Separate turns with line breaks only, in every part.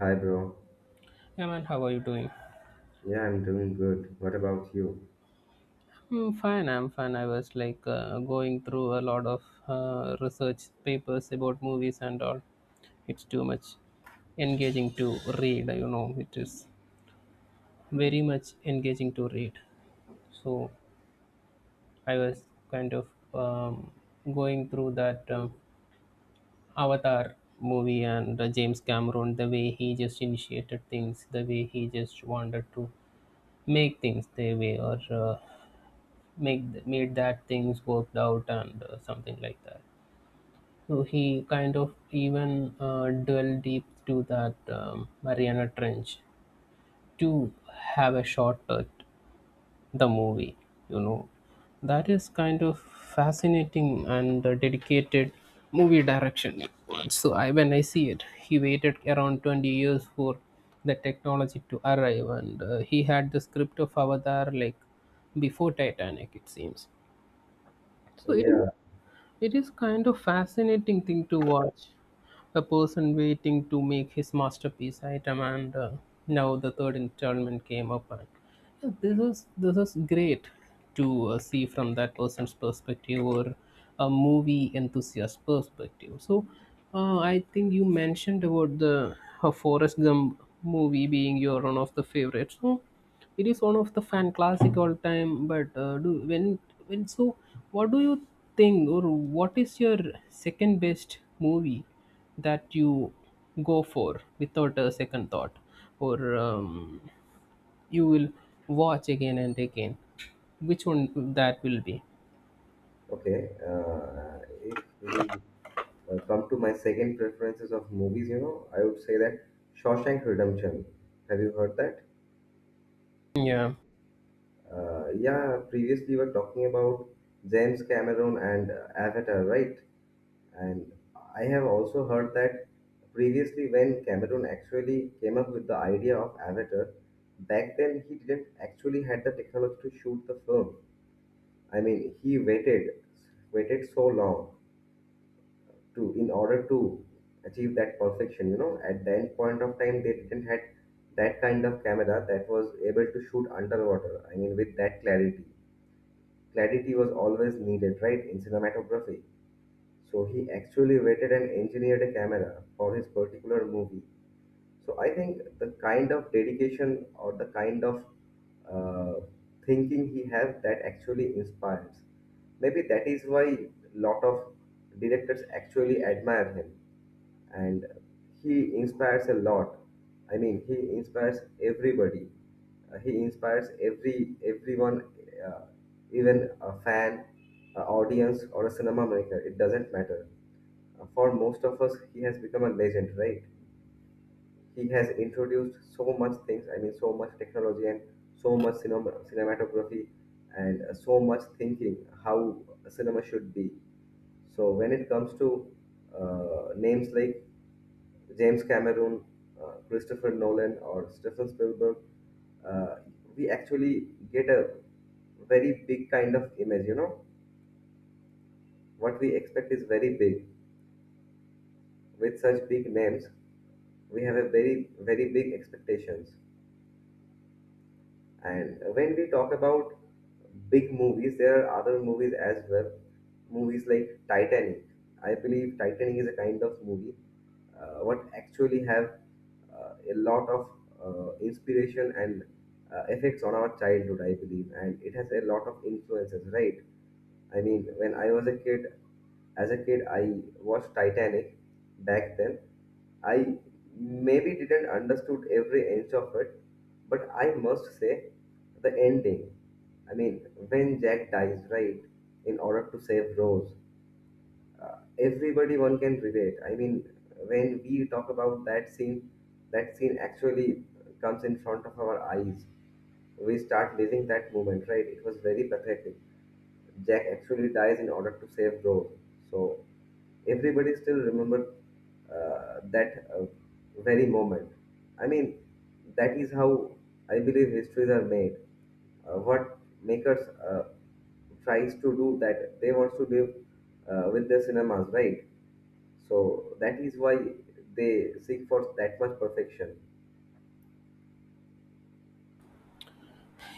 Hi, bro.
Yeah, man, how are you doing?
Yeah, I'm doing good. What about you?
I'm fine. I'm fine. I was going through a lot of research papers about movies and all. It's too much engaging to read. It is very much engaging to read. So I was kind of um, going through that Avatar movie and James Cameron, the way he just initiated things, the way he just wanted to make things their way or made that things worked out and something like that. So he kind of even delved deep to that Mariana Trench to have a shot at the movie. You know, that is kind of fascinating and dedicated movie direction. So I when I see it, he waited around 20 years for the technology to arrive, and he had the script of Avatar like before Titanic, it seems. So it
Yeah,
It is kind of fascinating thing to watch. A person waiting to make his masterpiece item and now the third installment came up and yeah, this is great to see from that person's perspective or a movie enthusiast perspective. So I think you mentioned about the Forest Gump movie being your one of the favorites, so it is one of the fan classic all time. But do when so what do you think, or what is your second best movie that you go for without a second thought, or um, you will watch again and again? Which one that will be?
okay. If we come to my second preferences of movies, you know, I would say that Shawshank Redemption. Have you heard that?
yeah
Yeah, previously we were talking about James Cameron and Avatar, right? And I have also heard that previously when Cameron actually came up with the idea of Avatar, back then he didn't actually had the technology to shoot the film. I mean, he waited, waited so long to, in order to achieve that perfection. You know, at the end point of time, they didn't had that kind of camera that was able to shoot underwater. I mean, with that clarity, clarity was always needed, right, in cinematography. So he actually waited and engineered a camera for his particular movie. So I think the kind of dedication or the kind of uh, thinking he has that actually inspires. Maybe that is why lot of directors actually admire him, and he inspires a lot. I mean, he inspires everybody. He inspires everyone, uh, even a fan, a audience, or a cinema maker. It doesn't matter. For most of us, he has become a legend, right? He has introduced so much things. I mean, so much technology and so much cinema, cinematography, and so much thinking how cinema should be. So when it comes to names like James Cameron, Christopher Nolan, or Stephen Spielberg, uh, we actually get a very big kind of image, you know. What we expect is very big. With such big names we have a very very big expectations. And when we talk about big movies, there are other movies as well. Movies like Titanic. I believe Titanic is a kind of movie what actually have a lot of inspiration and effects on our childhood, I believe, and it has a lot of influences, right? I mean, when I was a kid, as a kid, I watched Titanic back then. I maybe didn't understood every inch of it, but I must say the ending. I mean, when Jack dies, right, in order to save Rose, everybody one can relate. I mean, when we talk about that scene actually comes in front of our eyes. We start living that moment, right? It was very pathetic. Jack actually dies in order to save Rose. So everybody still remember that very moment. I mean, that is how I believe histories are made. What makers tries to do that they wants to live with their cinemas, right? So that is why they seek for that much perfection.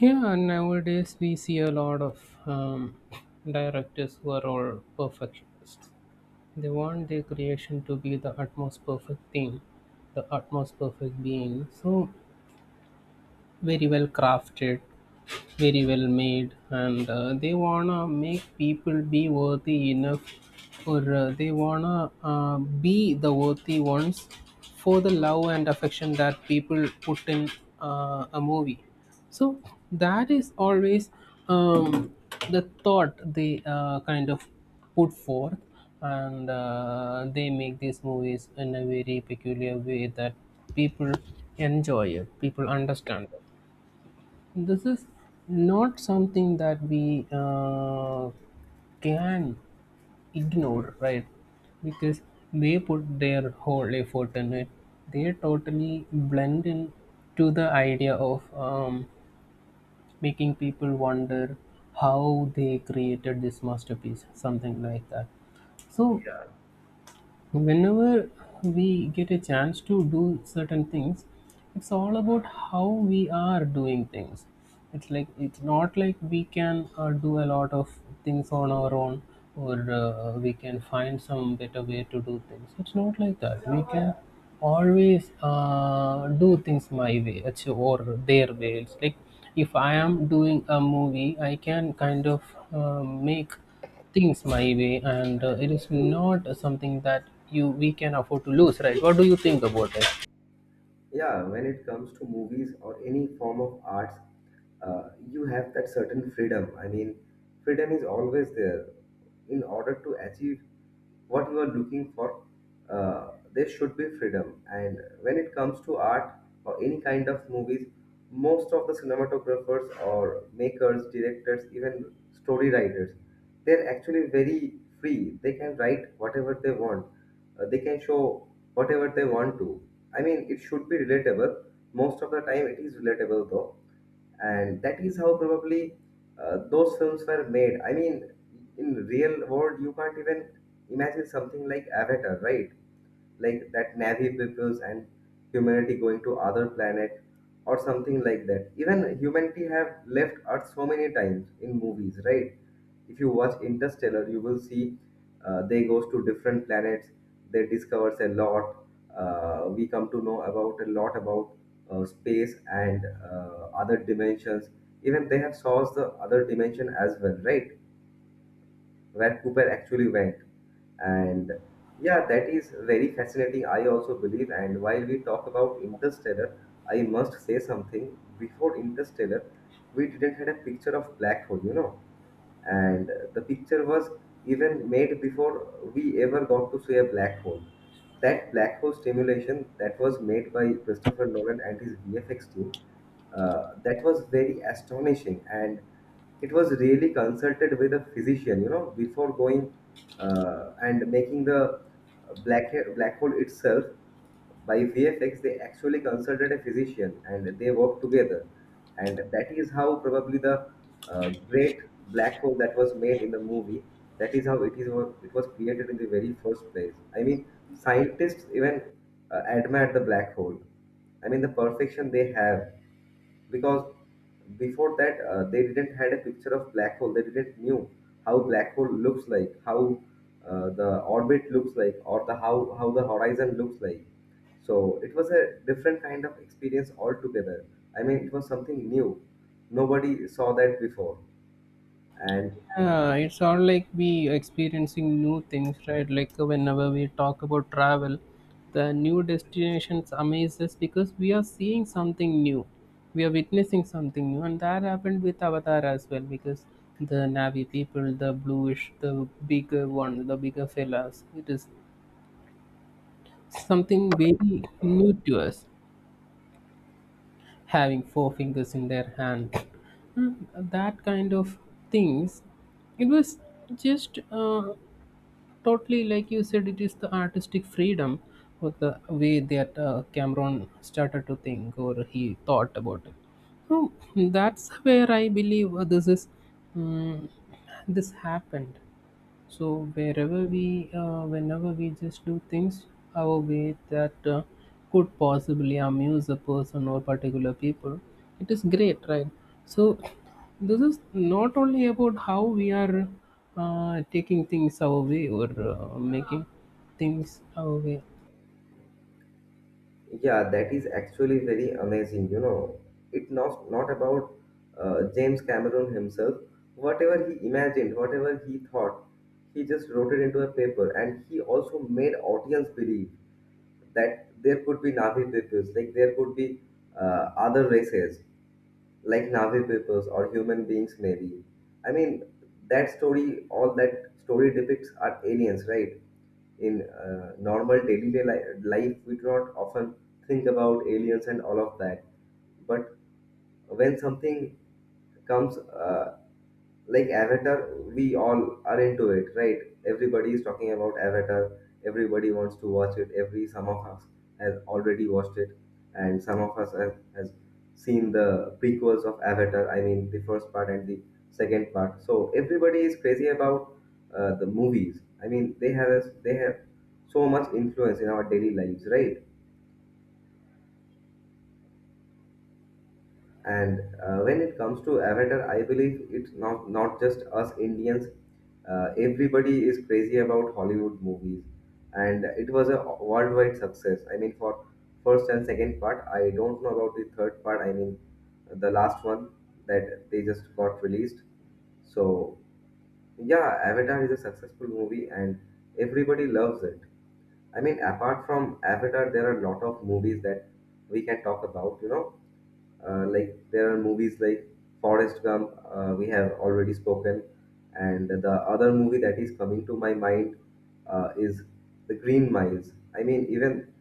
yeah, nowadays we see a lot of directors who are all perfectionists. They want their creation to be the utmost perfect thing, the utmost perfect being. So very well crafted, very well made, and they wanna make people be worthy enough, or they wanna be the worthy ones for the love and affection that people put in a movie. So that is always um, the thought they kind of put forth. And they make these movies in a very peculiar way that people enjoy it, people understand it. This is not something that we can ignore, right? Because they put their whole effort in it. They totally blend in to the idea of making people wonder how they created this masterpiece, something like that. So whenever we get a chance to do certain things, it's all about how we are doing things. It's like, it's not like we can do a lot of things on our own, or we can find some better way to do things. It's not like that we can always do things my way. It's- or Their way. It's like, if I am doing a movie, I can kind of uh, make things my way. And it is not something that you we can afford to lose, right? What do you think about it?
Yeah, when it comes to movies or any form of arts, you have that certain freedom. I mean, freedom is always there in order to achieve what you are looking for. Uh, there should be freedom, and when it comes to art or any kind of movies, most of the cinematographers or makers, directors, even story writers, they're actually very free. They can write whatever they want. They can show whatever they want to. I mean, it should be relatable. Most of the time, it is relatable though, and that is how probably those films were made. I mean, in real world, you can't even imagine something like Avatar, right? Like that Navi peoples and humanity going to other planet or something like that. Even humanity have left earth so many times in movies, right? If you watch Interstellar you will see they goes to different planets, they discovers a lot. Uh, we come to know about a lot about space and other dimensions. Even they have solved the other dimension as well, right, where Cooper actually went. And yeah, that is very fascinating. I also believe. And while we talk about Interstellar, I must say something. Before Interstellar, we didn't had a picture of black hole, you know, and the picture was even made before we ever got to see a black hole. That black hole simulation that was made by Christopher Nolan and his VFX team, that was very astonishing, and it was really consulted with a physician, you know, before going and making the black black hole itself by VFX, they actually consulted a physician and they worked together. And that is how probably the great black hole that was made in the movie, that is how it was created in the very first place. I mean, scientists even admire the black hole. I mean, the perfection they have, because before that they didn't had a picture of black hole, they didn't knew how black hole looks like, how the orbit looks like, or the how the horizon looks like. So it was a different kind of experience altogether. I mean, it was something new. Nobody saw that before. And
Yeah, it's all like we experiencing new things, right? Like whenever we talk about travel, the new destinations amaze us because we are seeing something new, we are witnessing something new. And that happened with Avatar as well, because the Navi people, the bluish, the bigger fellas, it is something very new to us, having four fingers in their hand, Mm, that kind of things. It was just totally, like you said, it is the artistic freedom or the way that Cameron started to think, or he thought about it. So that's where I believe um, this happened. So wherever we, whenever we just do things our way that could possibly amuse a person or particular people, it is great, right? So this is not only about how we are taking things our way or making things our way.
yeah, that is actually very amazing. You know, it not about James Cameron himself. Whatever he imagined, whatever he thought, he just wrote it into a paper, and he also made audience believe that there could be Navi peoples, like there could be other races like Navi peoples or human beings, maybe. I mean, that story, all that story depicts are aliens, right? In normal daily life, we do not often think about aliens and all of that. But when something comes like Avatar, we all are into it, right? Everybody is talking about Avatar. Everybody wants to watch it. Every Some of us has already watched it, and some of us has seen the prequels of Avatar. I mean, the first part and the second part. So everybody is crazy about the movies. I mean, they have so much influence in our daily lives, right? And when it comes to Avatar, I believe it's not just us Indians. Everybody is crazy about Hollywood movies, and it was a worldwide success. I mean, for first and second part, I don't know about the third part. I mean, the last one that they just got released. So yeah, Avatar is a successful movie, and everybody loves it. I mean, apart from Avatar, there are a lot of movies that we can talk about. You know, like there are movies like Forrest Gump, we have already spoken, and the other movie that is coming to my mind is The Green Miles. I mean, even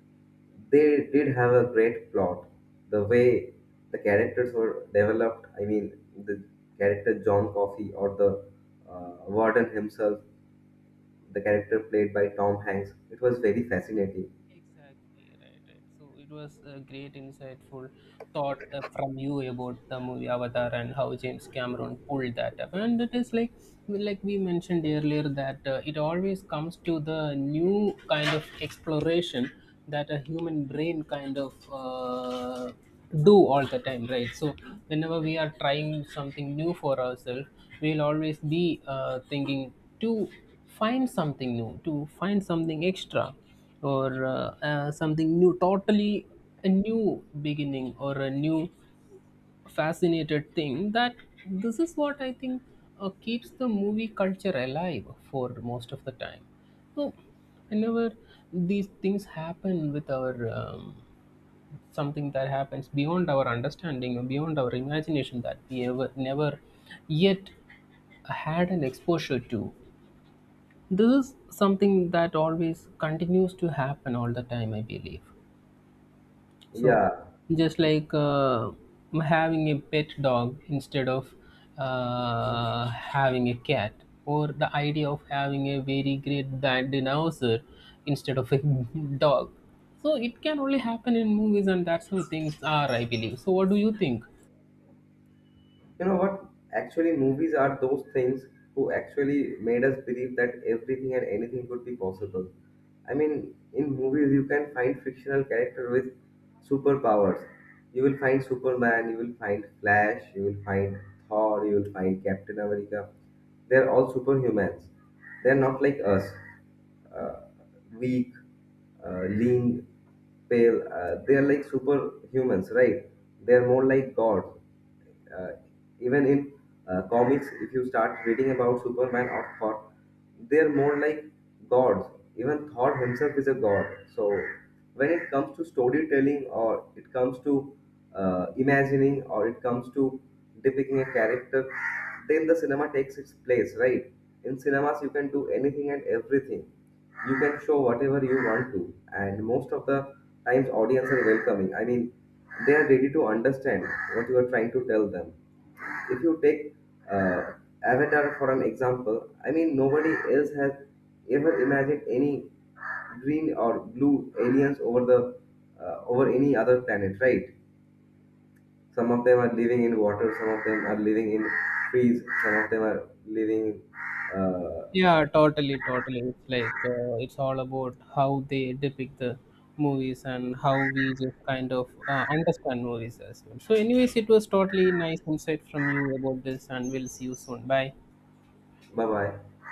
they did have a great plot. The way the characters were developed, I mean, the character John Coffey or the warden himself, the character played by Tom Hanks, it was very fascinating.
Exactly right, right. So it was a great, insightful thought from you about the movie Avatar and how James Cameron pulled that up. And it is like we mentioned earlier, that it always comes to the new kind of exploration that a human brain kind of do all the time, right? So whenever we are trying something new for ourselves, we'll always be thinking to find something new, to find something extra, or something new totally, a new beginning or a new fascinated thing. That this is what I think keeps the movie culture alive for most of the time. So whenever these things happen with our something that happens beyond our understanding or beyond our imagination that we ever never yet had an exposure to, this is something that always continues to happen all the time, I believe. So,
Yeah.
just like having a pet dog instead of having a cat, or the idea of having a very great dinosaur instead of a dog. So, it can only happen in movies, and that's how things are, I believe. So, what do you think?
You know what? Actually, movies are those things who actually made us believe that everything and anything could be possible. I mean, in movies, you can find fictional character with superpowers. You will find Superman, you will find Flash, you will find Thor, you will find Captain America. They're all superhumans. They're not like us, uh, weak, lean, pale. They are like superhumans, right? They're more like God. uh, Even in comics, if you start reading about Superman or Thor, they're more like gods. Even Thor himself is a god. So when it comes to storytelling, or it comes to imagining, or it comes to depicting a character, then the cinema takes its place, right? In cinemas you can do anything and everything. You can show whatever you want to, and most of the times audience are welcoming. I mean, they are ready to understand what you are trying to tell them. If you take uh, Avatar for an example. I mean, nobody else has ever imagined any green or blue aliens over the over any other planet, right? Some of them are living in water, some of them are living in trees, some of them are living in uh,
Yeah, totally, totally. It's like it's all about how they depict the movies and how we just kind of understand movies as well. So, anyways, it was totally nice insight from you about this, and we'll see you soon. Bye.
bye bye.